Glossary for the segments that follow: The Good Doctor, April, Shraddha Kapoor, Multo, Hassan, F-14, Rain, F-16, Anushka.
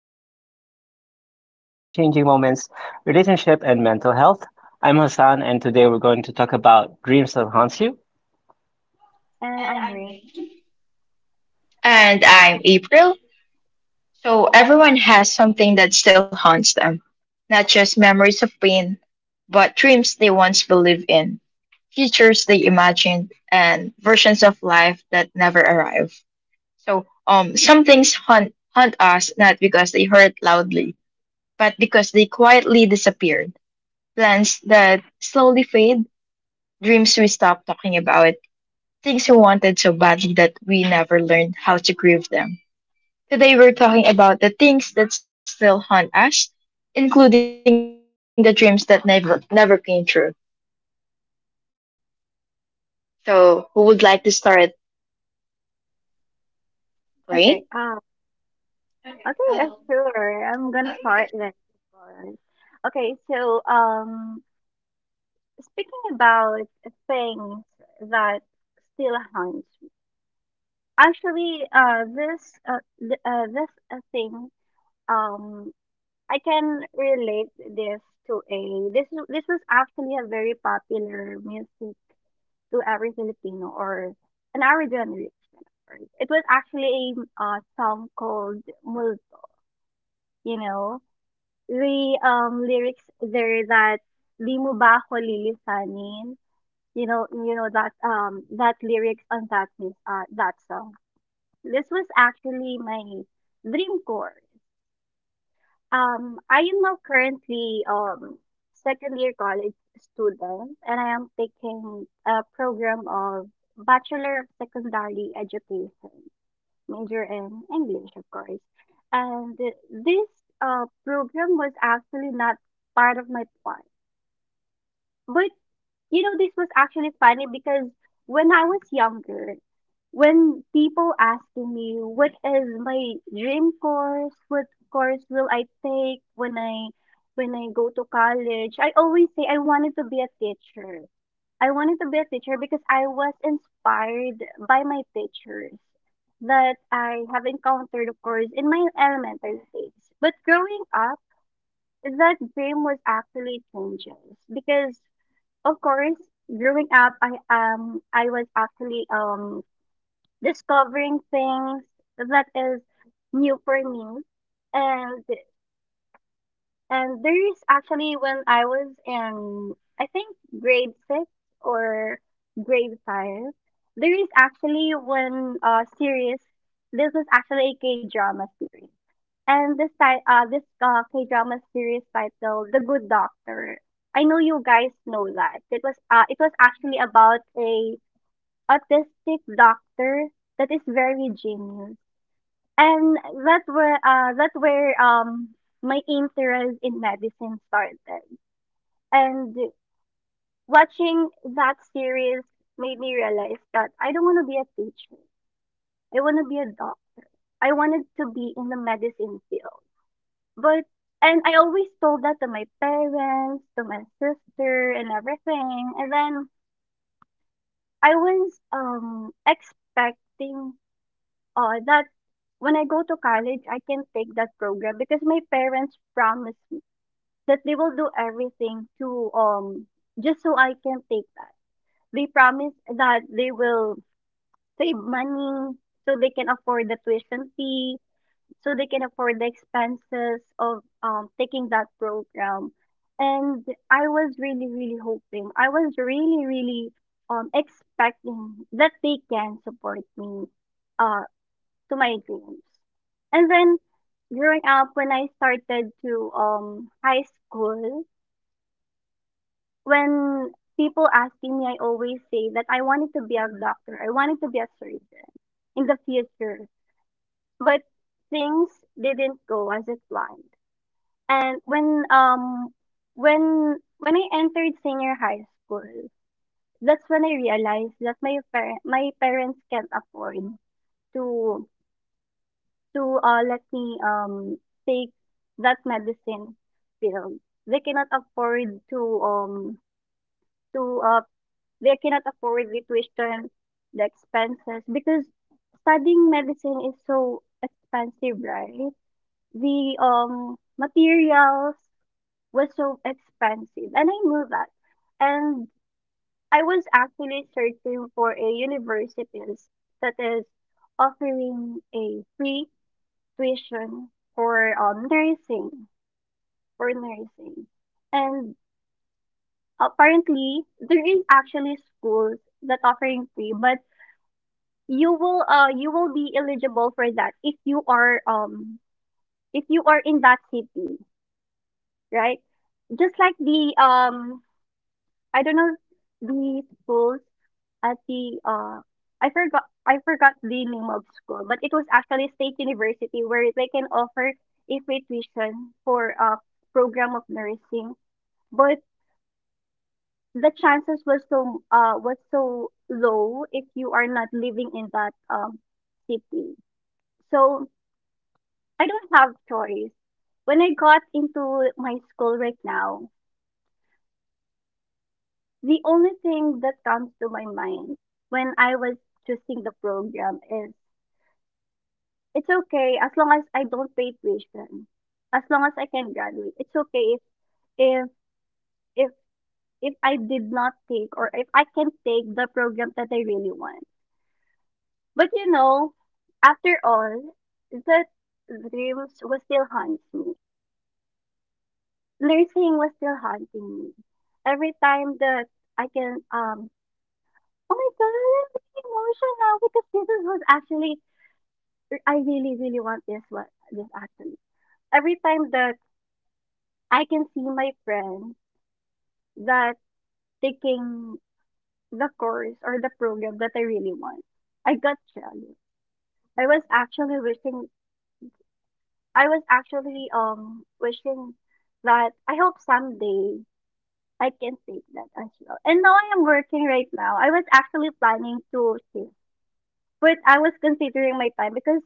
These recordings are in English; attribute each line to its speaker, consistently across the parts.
Speaker 1: talks about experiences, life changing moments, relationship, and mental health. I'm Hassan, and today we're going to talk about dreams that haunt you.
Speaker 2: And I'm Rain.
Speaker 3: And I'm April. So everyone has something that still haunts them, not just memories of pain, but dreams they once believed in, futures they imagined, and versions of life that never arrive. So some things haunt us not because they hurt loudly, but because they quietly disappeared. Plans that slowly fade, dreams we stop talking about, things we wanted so badly that we never learned how to grieve them. Today we're talking about the things that still haunt us, including the dreams that never came true. So, who would like to start,
Speaker 2: Okay.
Speaker 3: Rain?
Speaker 2: Um. Okay. Sure. I'm gonna start then. Of course. Okay. So, um, Speaking about things that still haunt me. Actually, this, th- this thing, um, I can relate this to a this this was actually a very popular music to every Filipino or an our generation. It was actually a song called Multo. You know. The lyrics there that di mo ba ako lilisanin? You know that that lyrics on that song. This was actually my dream course. I am now currently second year college student, and I am taking a program of Bachelor of Secondary Education major in English, of course. And this program was actually not part of my plan. But you know, this was actually funny because when I was younger, when people asking me what is my dream course, what course will I take when I go to college, I always say I wanted to be a teacher. I wanted to be a teacher because I was inspired by my teachers that I have encountered, of course, in my elementary days. But growing up, that dream was actually changes because of course, growing up, I was actually discovering things that is new for me, and and there's actually when I was in, I think grade six or grade five, there is actually one series. This is actually a K-drama series, and this K-drama series titled The Good Doctor. I know you guys know that. It was actually about a autistic doctor that is very genius and that where my interest in medicine started. And watching that series made me realize that I don't want to be a teacher. I want to be a doc. I wanted to be in the medicine field. But and I always told that to my parents, to my sister and everything. And then I was expecting that when I go to college, I can take that program because my parents promised that they will do everything to just so I can take that. They promise that they will save money so they can afford the tuition fee, so they can afford the expenses of taking that program. And I was really, really hoping. I was really, really expecting that they can support me uh to my dreams. And then growing up when I started to high school, when people asking me, I always say that I wanted to be a doctor. I wanted to be a surgeon in the future, but things didn't go as it planned. And when I entered senior high school, that's when I realized that my parents can't afford to to let me take that medicine field. They cannot afford to um to uh they cannot afford it to withstand the expenses because studying medicine is so expensive, right? The materials was so expensive, and I knew that. And I was actually searching for a universities that is offering a free tuition for nursing, and apparently there is actually schools that offering free, but you will be eligible for that if you are in that city, right, just like the I don't know, the schools at the I forgot, I forgot the name of school, but it was actually a state university where they can offer a free tuition for a program of nursing, but the chances was was so low if you are not living in that city. So I don't have choice. When I got into my school right now, the only thing that comes to my mind when I was choosing the program is it's okay as long as I don't pay tuition. As long as I can graduate. It's okay if if, if I did not take or if I can take the program that I really want. But you know, after all, that dreams will still haunt me. Nursing was still haunting me. Every time that I can, oh my god, I'm being emotional because this is what actually I really, really want this one. This actually. Every time that I can see my friends that taking the course or the program that I really want, I got jealous. I was actually wishing. I was actually wishing that I hope someday I can take that as well. And now I am working right now. I was actually planning to shift, but I was considering my time because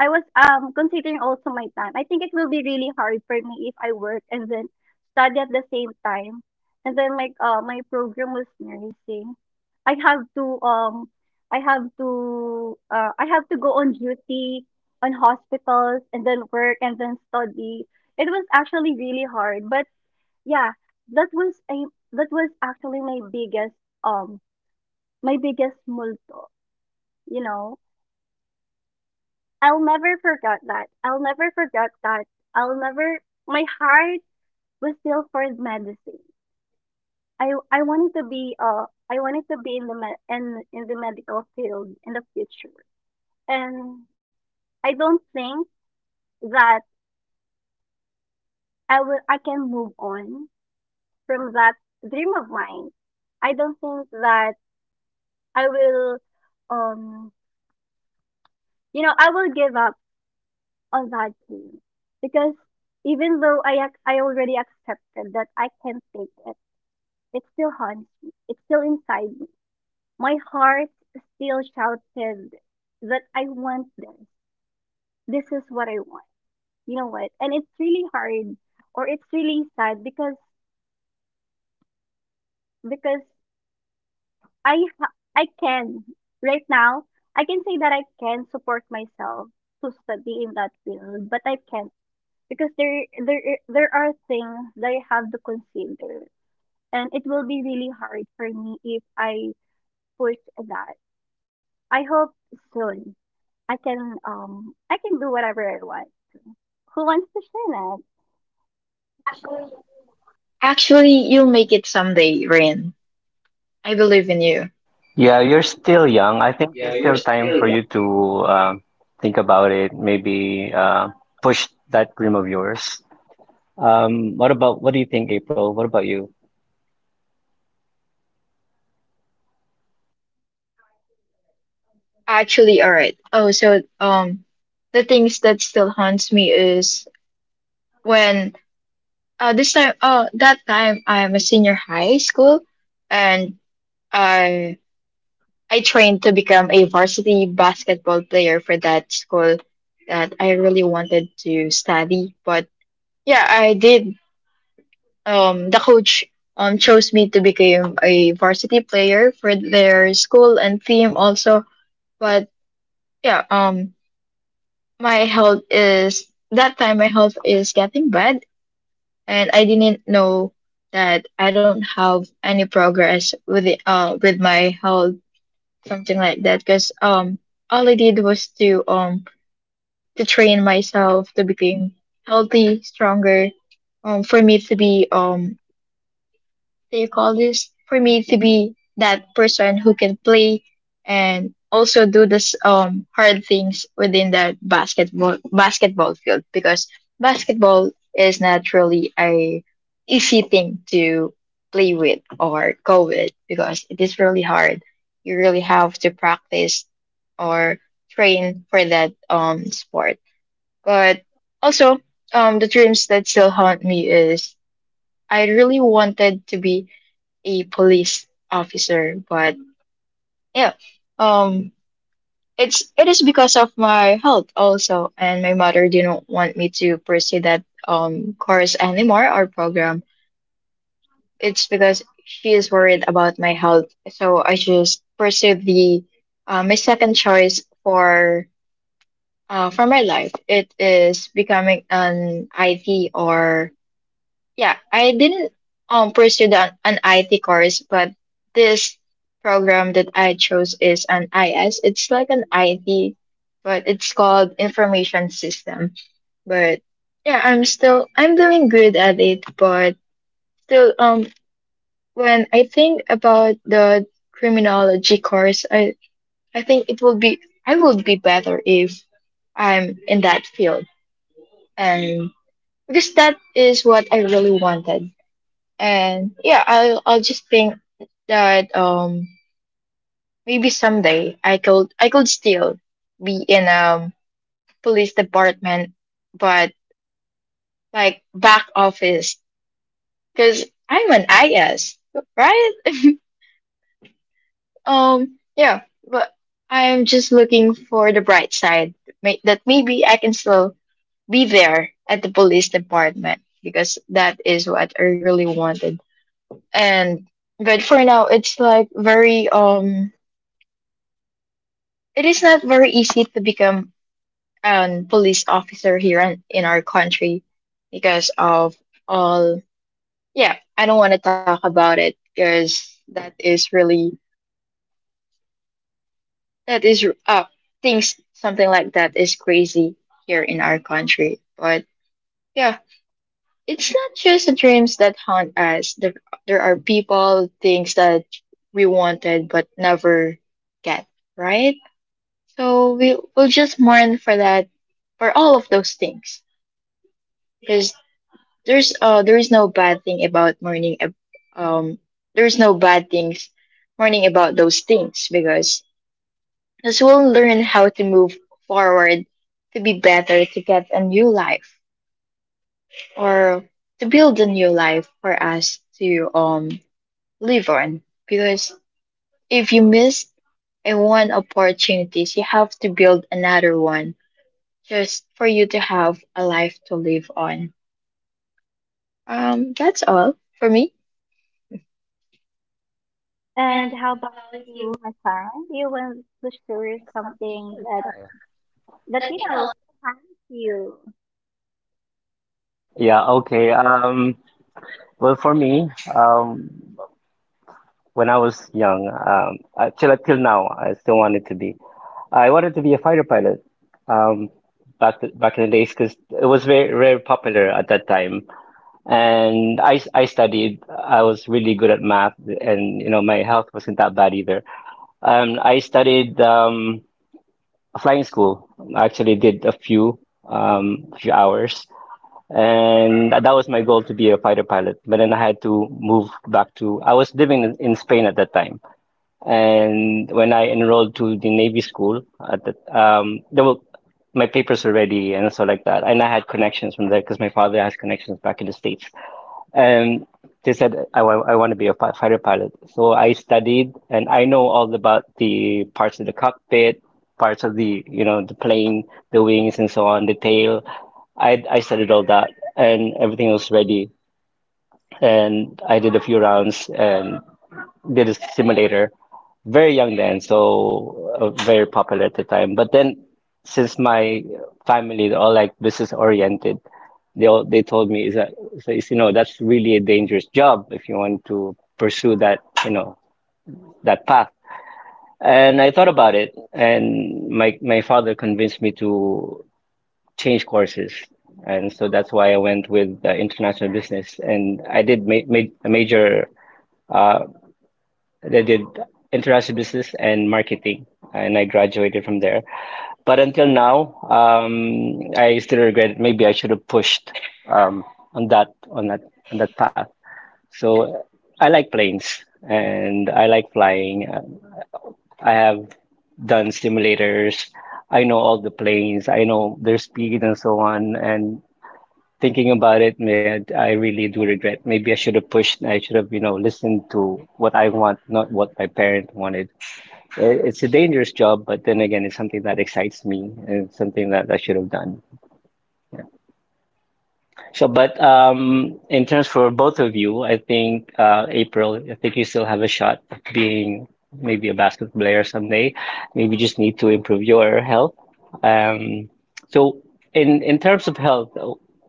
Speaker 2: I was considering also my time. I think it will be really hard for me if I work and then study at the same time. And then like my program was nursing. I have to um I have to go on duty on hospitals and then work and then study. It was actually really hard, but yeah, that was a that was actually um my biggest multo, you know. I'll never forget that. I'll never forget that. I'll never, my heart was still for medicine. I wanted to be I wanted to be in the med in the medical field in the future. And I don't think that I can move on from that dream of mine. I don't think that I will um you know, I will give up on that dream because even though I already accepted that I can't take it, it still haunts me. It's still inside me. My heart still shouted that I want this. This is what I want. You know what? And it's really hard or it's really sad because I can right now, I can say that I can support myself to study in that field, but I can't because there are things that I have to consider, and it will be really hard for me if I push that. I hope soon I can do whatever I want. Who wants to share that?
Speaker 3: Actually, you'll make it someday, Rain. I believe in you.
Speaker 1: Yeah, you're still young. I think there's still time for you to think about it, maybe push that dream of yours. What about, what do you think, April? What about you?
Speaker 3: Actually, all right. The things that still haunts me is when this time that time I'm a senior high school, and I I trained to become a varsity basketball player for that school that I really wanted to study. But yeah, I did. The coach chose me to become a varsity player for their school and team also. But yeah, um, my health is that time my health is getting bad, and I didn't know that I don't have any progress with my health, something like that, because all I did was to train myself to become healthy, stronger, for me to be they call this for me to be that person who can play and also do this hard things within that basketball field, because basketball is naturally a easy thing to play with or go with because it is really hard. You really have to practice or train for that sport. But also, the dreams that still haunt me is I really wanted to be a police officer, but yeah, um, it is because of my health also, and my mother didn't want me to pursue that course anymore, or program. It's because she is worried about my health, so I just pursued the my second choice for my life. It is becoming an IT or. Yeah, I didn't pursue the, an IT course, but this program that I chose is an IS. It's like an IT, but it's called Information System. But yeah, I'm doing good at it, but still when I think about the criminology course, I think it will be, I would be better if I'm in that field. And because that is what I really wanted. And yeah, I'll just think that maybe someday I could still be in police department, but like back office because I'm an IS, right? Yeah, but I'm just looking for the bright side, that maybe I can still be there at the police department because that is what I really wanted. And but for now, it's like very it is not very easy to become a police officer here in our country because of all. Yeah, I don't want to talk about it because that is really that is things something like that is crazy here in our country. But yeah, it's not just the dreams that haunt us. There are people, things that we wanted but never get, right? So we will just mourn for that, for all of those things. Because there is no bad thing about um there's no bad things mourning about those things, because as we'll learn how to move forward, to be better, to get a new life or to build a new life for us to live on. Because if you miss a one opportunities, you have to build another one just for you to have a life to live on. That's all for me.
Speaker 2: And how about you, Hassan? Do you want to share something that that you know has you?
Speaker 1: Yeah, okay. Well, for me, when I was young, till now, I still wanted to be. I wanted to be a fighter pilot, um, back in the days because it was very very popular at that time. And I studied. I was really good at math, and you know my health wasn't that bad either. I studied flying school. I actually did a um, few hours, and that was my goal to be a fighter pilot. But then I had to move back to. I was living in Spain at that time. And when I enrolled to the Navy school, at the, there were my papers were ready and so like that. And I had connections from there because my father has connections back in the States. And they said, I want to be a fighter pilot. So I studied and I know all about the parts of the cockpit, parts of the, you know, the plane, the wings and so on, the tail. I studied all that and everything was ready. And I did a few rounds and did a simulator very young then, so very popular at the time. But then, since my family they're all like business oriented, they told me is that so it's, that's really a dangerous job if you want to pursue that you know that path. And I thought about it, and my father convinced me to change courses, and so that's why I went with international business, and I did a major. Uh, I did international business and marketing, and I graduated from there. But until now, I still regret. Maybe I should have pushed um, on that on that on that path. So I like planes and I like flying. I have done simulators. I know all the planes. I know their speed and so on. And thinking about it, man, I really do regret. Maybe I should have pushed. I should have, listened to what I want, not what my parents wanted. It's a dangerous job, but then again, it's something that excites me and it's something that I should have done. So, but in terms for both of you, I think April, I think you still have a shot of being maybe a basket player someday. Maybe you just need to improve your health. Um, so, in terms of health,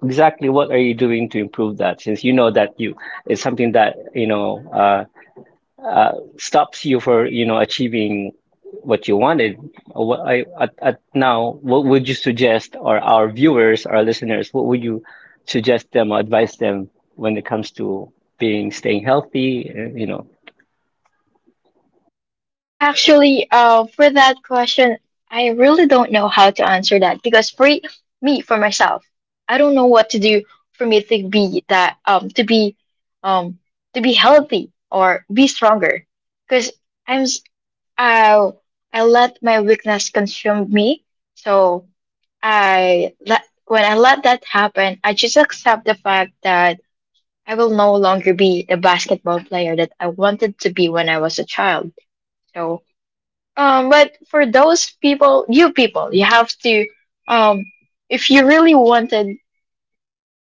Speaker 1: exactly what are you doing to improve that? Since you know that you it's something that you know. Uh, Stops you for achieving what you wanted. What I at now, what would you suggest, or our viewers, our listeners, what would you suggest them or advise them when it comes to being staying healthy? You know,
Speaker 3: Actually, for that question, I really don't know how to answer that because me, for myself, I don't know what to do for me to be that um to be healthy or be stronger because I'm s- I I let my weakness consume me, so I let when I let that happen, I just accept the fact that I will no longer be the basketball player that I wanted to be when I was a child. So but for those people, you have to, um, if you really wanted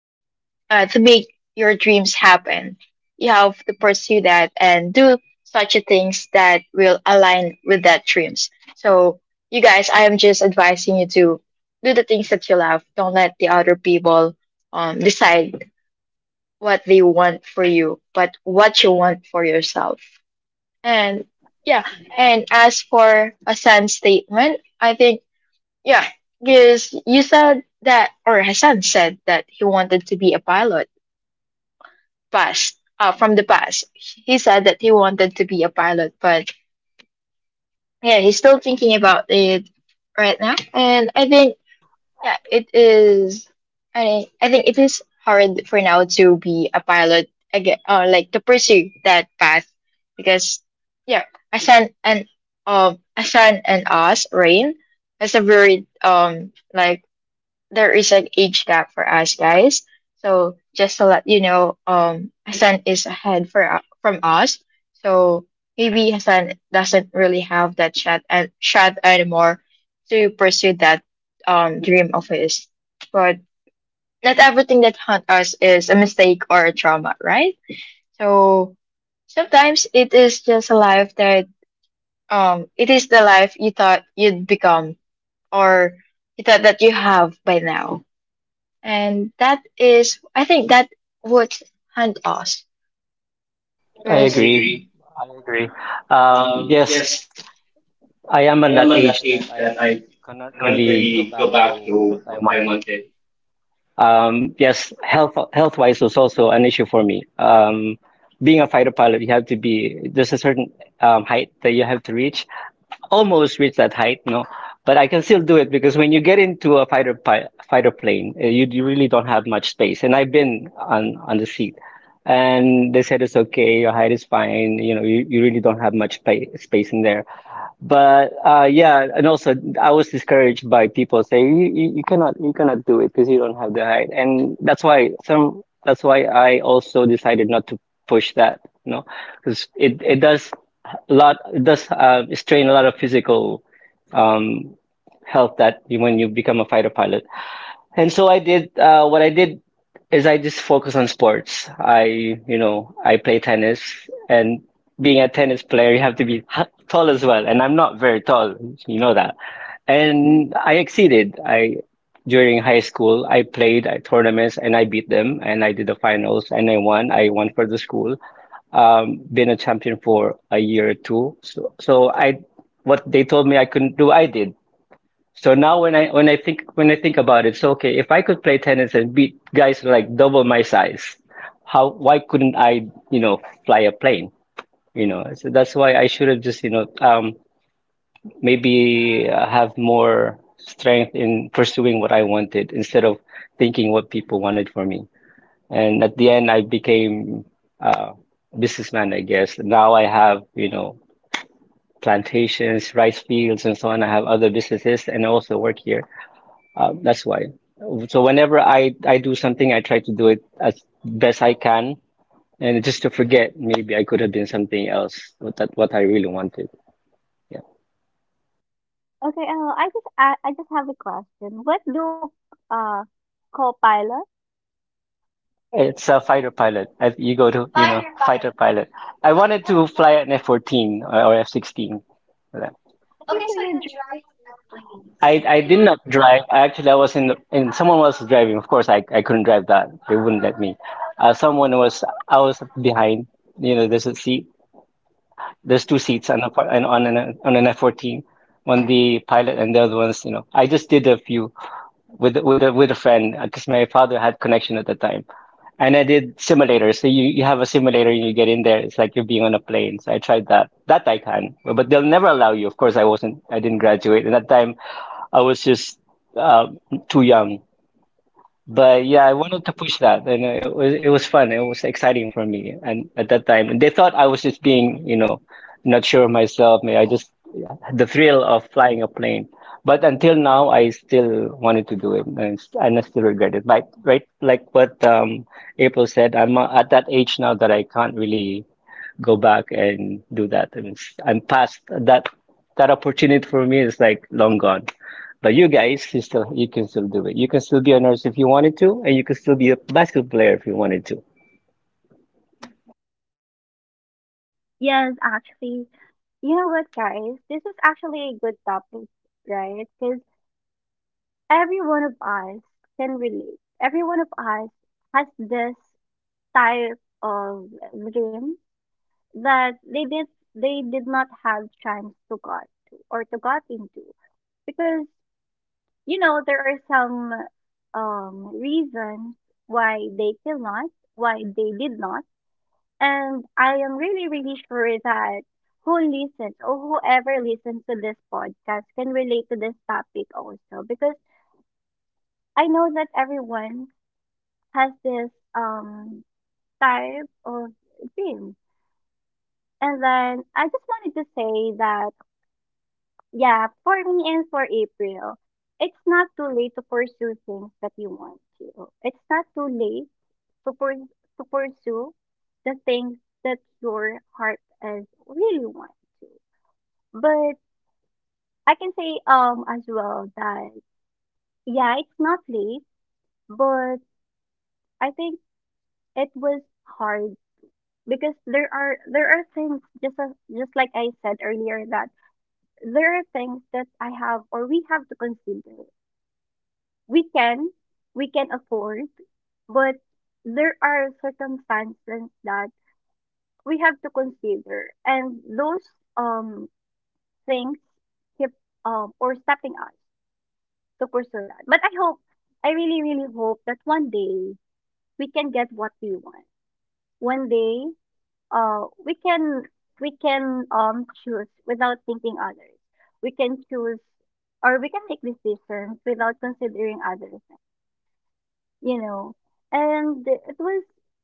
Speaker 3: to make your dreams happen, you have to pursue that and do such a things that will align with that dreams. So, you guys, I am just advising you to do the things that you love. Don't let the other people decide what they want for you, but what you want for yourself. And yeah, and as for Hassan's statement, I think, yeah, because you said that, or Hassan said that he wanted to be a pilot past, from the past. He said that he wanted to be a pilot, but yeah, he's still thinking about it right now. And I think, yeah, it is. I think it is hard for now to be a pilot again, or like to pursue that path, because yeah, Asan and Asan and us, Rain, has a very like there is an age gap for us guys. So just to let you know, Hassan is ahead from us. So maybe Hassan doesn't really have that shot anymore to pursue that dream of his. But not everything that haunt us is a mistake or a trauma, right? So sometimes it is just a life that it is the life you thought you'd become, or you thought that you have by now, and that is, I think that would hunt us.
Speaker 1: I agree.
Speaker 3: I
Speaker 1: I agree. Yes, I am at that age that I cannot really go back to what I wanted. Yes, health wise was also an issue for me. Being a fighter pilot, you have to be there's a certain height that you have to reach. Almost reach that height, no, but I can still do it because when you get into a fighter plane, you really don't have much space. And I've been on the seat, and they said it's okay, your height is fine. You know, you really don't have much pa space in there. But yeah, and also I was discouraged by people saying you cannot you cannot do it because you don't have the height, and that's why some that's why I also decided not to push that, because it does a lot it does strain a lot of physical um, health that you, when you become a fighter pilot. And so I did, what I did is I just focus on sports. I play tennis and being a tennis player, you have to be tall as well. And I'm not very tall, you know that. And I exceeded. During high school, I played at tournaments and I beat them and I did the finals and I won. I won for the school. Been a champion for a year or two. So what they told me I couldn't do, I did. So now when I think about it, so okay, if I could play tennis and beat guys like double my size, how why couldn't I, you know, fly a plane? So that's why I should have just, you know, maybe have more strength in pursuing what I wanted instead of thinking what people wanted for me. And at the end, I became uh, businessman, I guess. Now I have, plantations, rice fields, and so on. I have other businesses, and I also work here. That's why. So whenever I do something, I try to do it as best I can, and just to forget maybe I could have been something else. What I really wanted. Yeah,
Speaker 2: Okay, I just have a question. What do uh co-pilot?
Speaker 1: no, it's a fighter pilot. I, you go to you know fighter pilot. Fighter pilot. I wanted to fly an F 14 or F 16. Yeah.
Speaker 2: Okay, so you're driving.
Speaker 1: I did not drive. I was in and someone was driving. Of course, I couldn't drive that. They wouldn't let me. Someone was I was behind. You know, there's a seat. There's two seats on an F-14, on the pilot, and the other ones. I just did a few with a friend because my father had connection at the time, and I did simulators. So you have a simulator and you get in there. It's like you're being on a plane. So I tried that. That I can, but they'll never allow you. Of course, I wasn't. I didn't graduate, and at that time I was just uh, too young, but yeah, I wanted to push that, and it was fun. It was exciting for me, and at that time, and they thought I was just being, not sure of myself. Maybe I just yeah, the thrill of flying a plane. But until now, I still wanted to do it, and I still regret it. But right, like what April said, I'm at that age now that I can't really go back and do that. And I'm past that opportunity for me is like long gone. But you guys, you can still do it. You can still be a nurse if you wanted to, and you can still be a basketball player if you wanted to.
Speaker 2: Yes, actually. You know what, guys? This is actually a good topic, right? Because every one of us can relate. Every one of us has this type of dream that they did not have chance to got to or to got into. Because, you know, there are some reasons why they cannot, why they did not. And I am really, really sure that who listens or whoever listens to this podcast can relate to this topic also because I know that everyone has this um type of dream. And then I just wanted to say that yeah, for me and for April, it's not too late to pursue things that you want to. It's not too late to pur- to pursue the things that your heart is really want to. But I can say as well that yeah, it's not late, but I think it was hard because there are things just as, just like I said earlier that there are things that I have or we have to consider. We can we can afford, but there are circumstances that we have to consider, and those um things keep or stopping us to pursue that. But I hope, I really, really hope that one day we can get what we want. One day, we can choose without thinking others. We can choose or we can make decisions without considering others. You know, and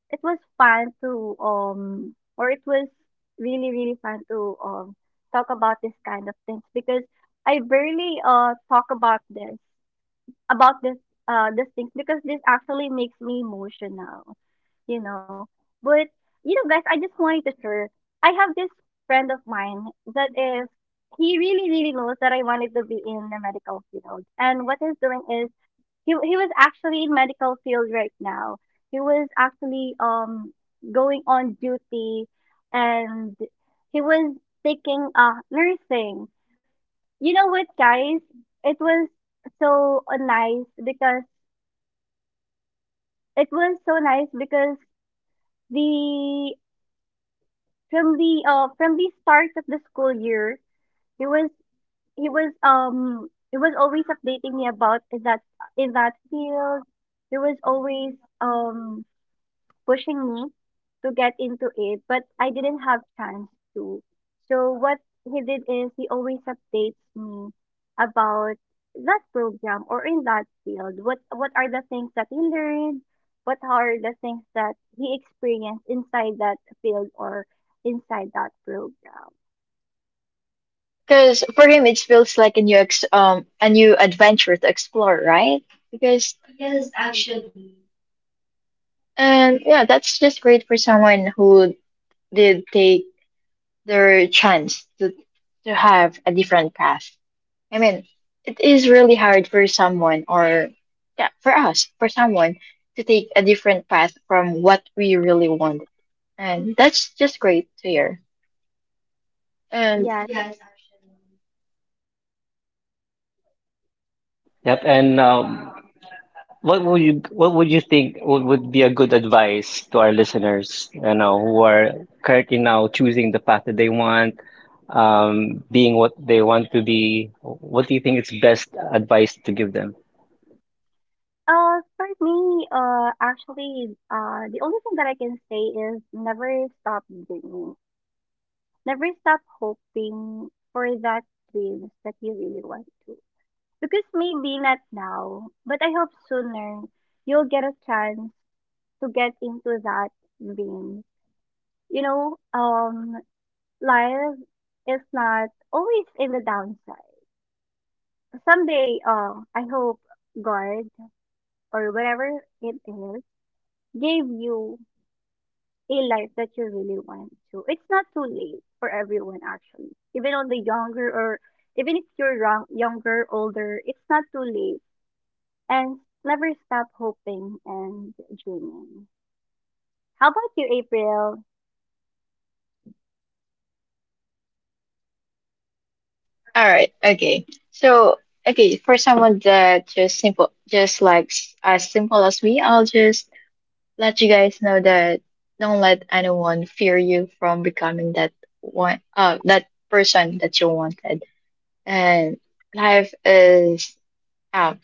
Speaker 2: it was fun to or it was really really fun to talk about this kind of things because I barely talk about this these things because this actually makes me emotional, you know. But you know guys, I just wanted to share, I have this friend of mine that is he really, really knows that I wanted to be in the medical field. And what he's doing is he was actually in medical field right now. He was actually going on duty and he was taking nursing. You know what guys? It was so uh, nice because it was so nice because the from the from the start of the school year, he was he was always updating me about that in that field. He was always um pushing me to get into it, but I didn't have chance to. So what he did is he always updates me about that program or in that field. What are the things that he learned? What are the things that he experienced inside that field or inside that program?
Speaker 3: Because for him, it feels like a new ex a new adventure to explore, right? Because,
Speaker 2: Mm.
Speaker 3: and yeah, that's just great for someone who did take their chance to have a different path. I mean, it is really hard for someone, or yeah, for us, for someone to take a different path from what we really want, and that's just great to hear. And
Speaker 2: Yes.
Speaker 1: Yep. And what would you think would be a good advice to our listeners, you know, who are currently now choosing the path that they want, being what they want to be? What do you think is best advice to give them?
Speaker 2: The only thing that I can say is never stop dreaming. Never stop hoping for that dreams that you really want to. Because maybe not now, but I hope sooner you'll get a chance to get into that dream. You know, life is not always in the downside. Someday, I hope God or whatever it is gave you a life that you really want to. It's not too late for everyone actually. Even on the younger or even if you're young, younger, older, it's not too late. And never stop hoping and dreaming. How about you, April?
Speaker 3: all right. Okay. So, okay, for someone that just simple, just like as simple as me, I'll just let you guys know that don't let anyone fear you from becoming that one, that person that you wanted. And life is, um,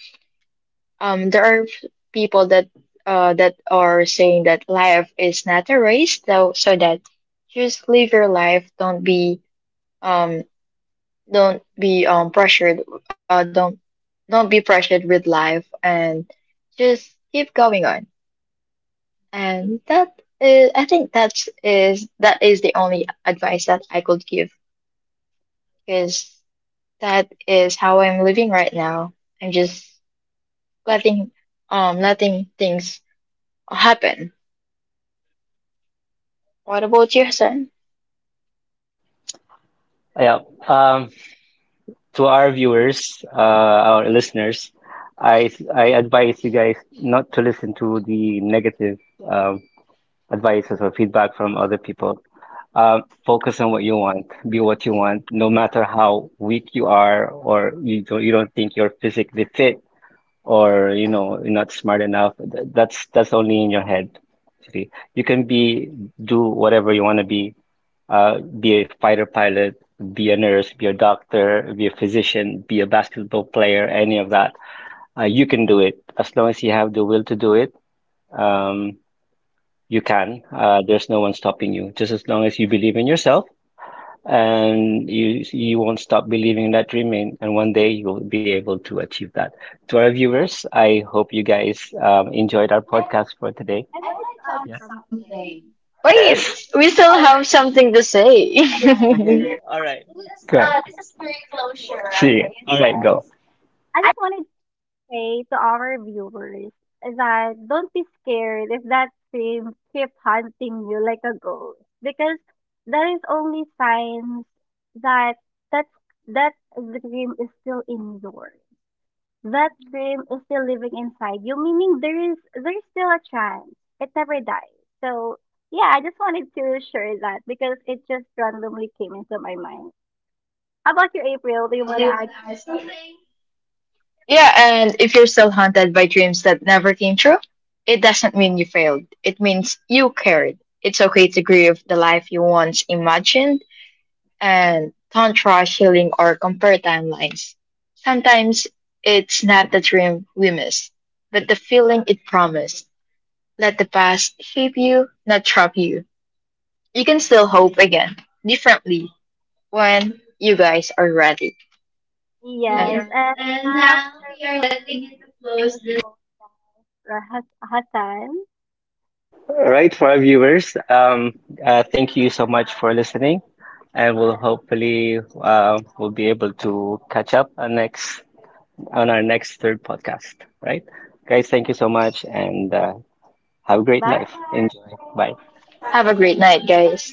Speaker 3: there are people that, that are saying that life is not a race, though, so that just live your life. Um, don't be pressured, uh don't don't be pressured with life and just keep going on, and that is, I think, that is the only advice that I could give because that is how I'm living right now. I'm just letting, letting things happen. What about your son?
Speaker 1: Yeah. Um, to our viewers, our listeners, I advise you guys not to listen to the negative um, advices or feedback from other people. Focus on what you want, be what you want, no matter how weak you are or you don't think you're physically fit or you know you're not smart enough. That's only in your head. Actually, you can be do whatever you want to be, be a fighter pilot, be a nurse, be a doctor, be a physician, be a basketball player, any of that. You can do it as long as you have the will to do it. Um, you can. There's no one stopping you. Just as long as you believe in yourself and you won't stop believing in that dream, and one day you'll be able to achieve that. To our viewers, I hope you guys enjoyed our podcast for today.
Speaker 2: I
Speaker 1: I
Speaker 2: wanted to
Speaker 1: wanted to
Speaker 2: add
Speaker 1: ask. Yeah.
Speaker 2: something.
Speaker 1: Something.
Speaker 3: Wait,
Speaker 1: Yes.
Speaker 3: we still have something to say.
Speaker 1: Sige,
Speaker 2: This is
Speaker 1: this is. Go. This is for closure.
Speaker 2: closure.
Speaker 1: See, right? All right, go.
Speaker 2: I just wanted say to our viewers that don't be scared if that thing keep hunting you like a ghost because that is only signs that that that dream is still in yours. That dream is still living inside you, meaning there's still a chance. It never dies. So yeah, I just wanted to share that because it just randomly came into my mind. How about you, April? Do you want to add something?
Speaker 3: Yeah, and if you're still haunted by dreams that never came true, it doesn't mean you failed. It means you cared. It's okay to grieve the life you once imagined, and don't rush healing or compare timelines. Sometimes it's not the dream we miss, but the feeling it promised. Let the past shape you, not trap you. You can still hope again, differently, when you guys are ready.
Speaker 2: Yes, and
Speaker 3: And-
Speaker 2: now this podcast, Hassan.
Speaker 1: Right, for our viewers. Thank you so much for listening, and we'll hopefully we'll be able to catch up on next on our next third podcast. Right, guys. Thank you so much, and have a great
Speaker 2: Bye.
Speaker 1: life. Enjoy. Bye.
Speaker 3: Have a great night, guys.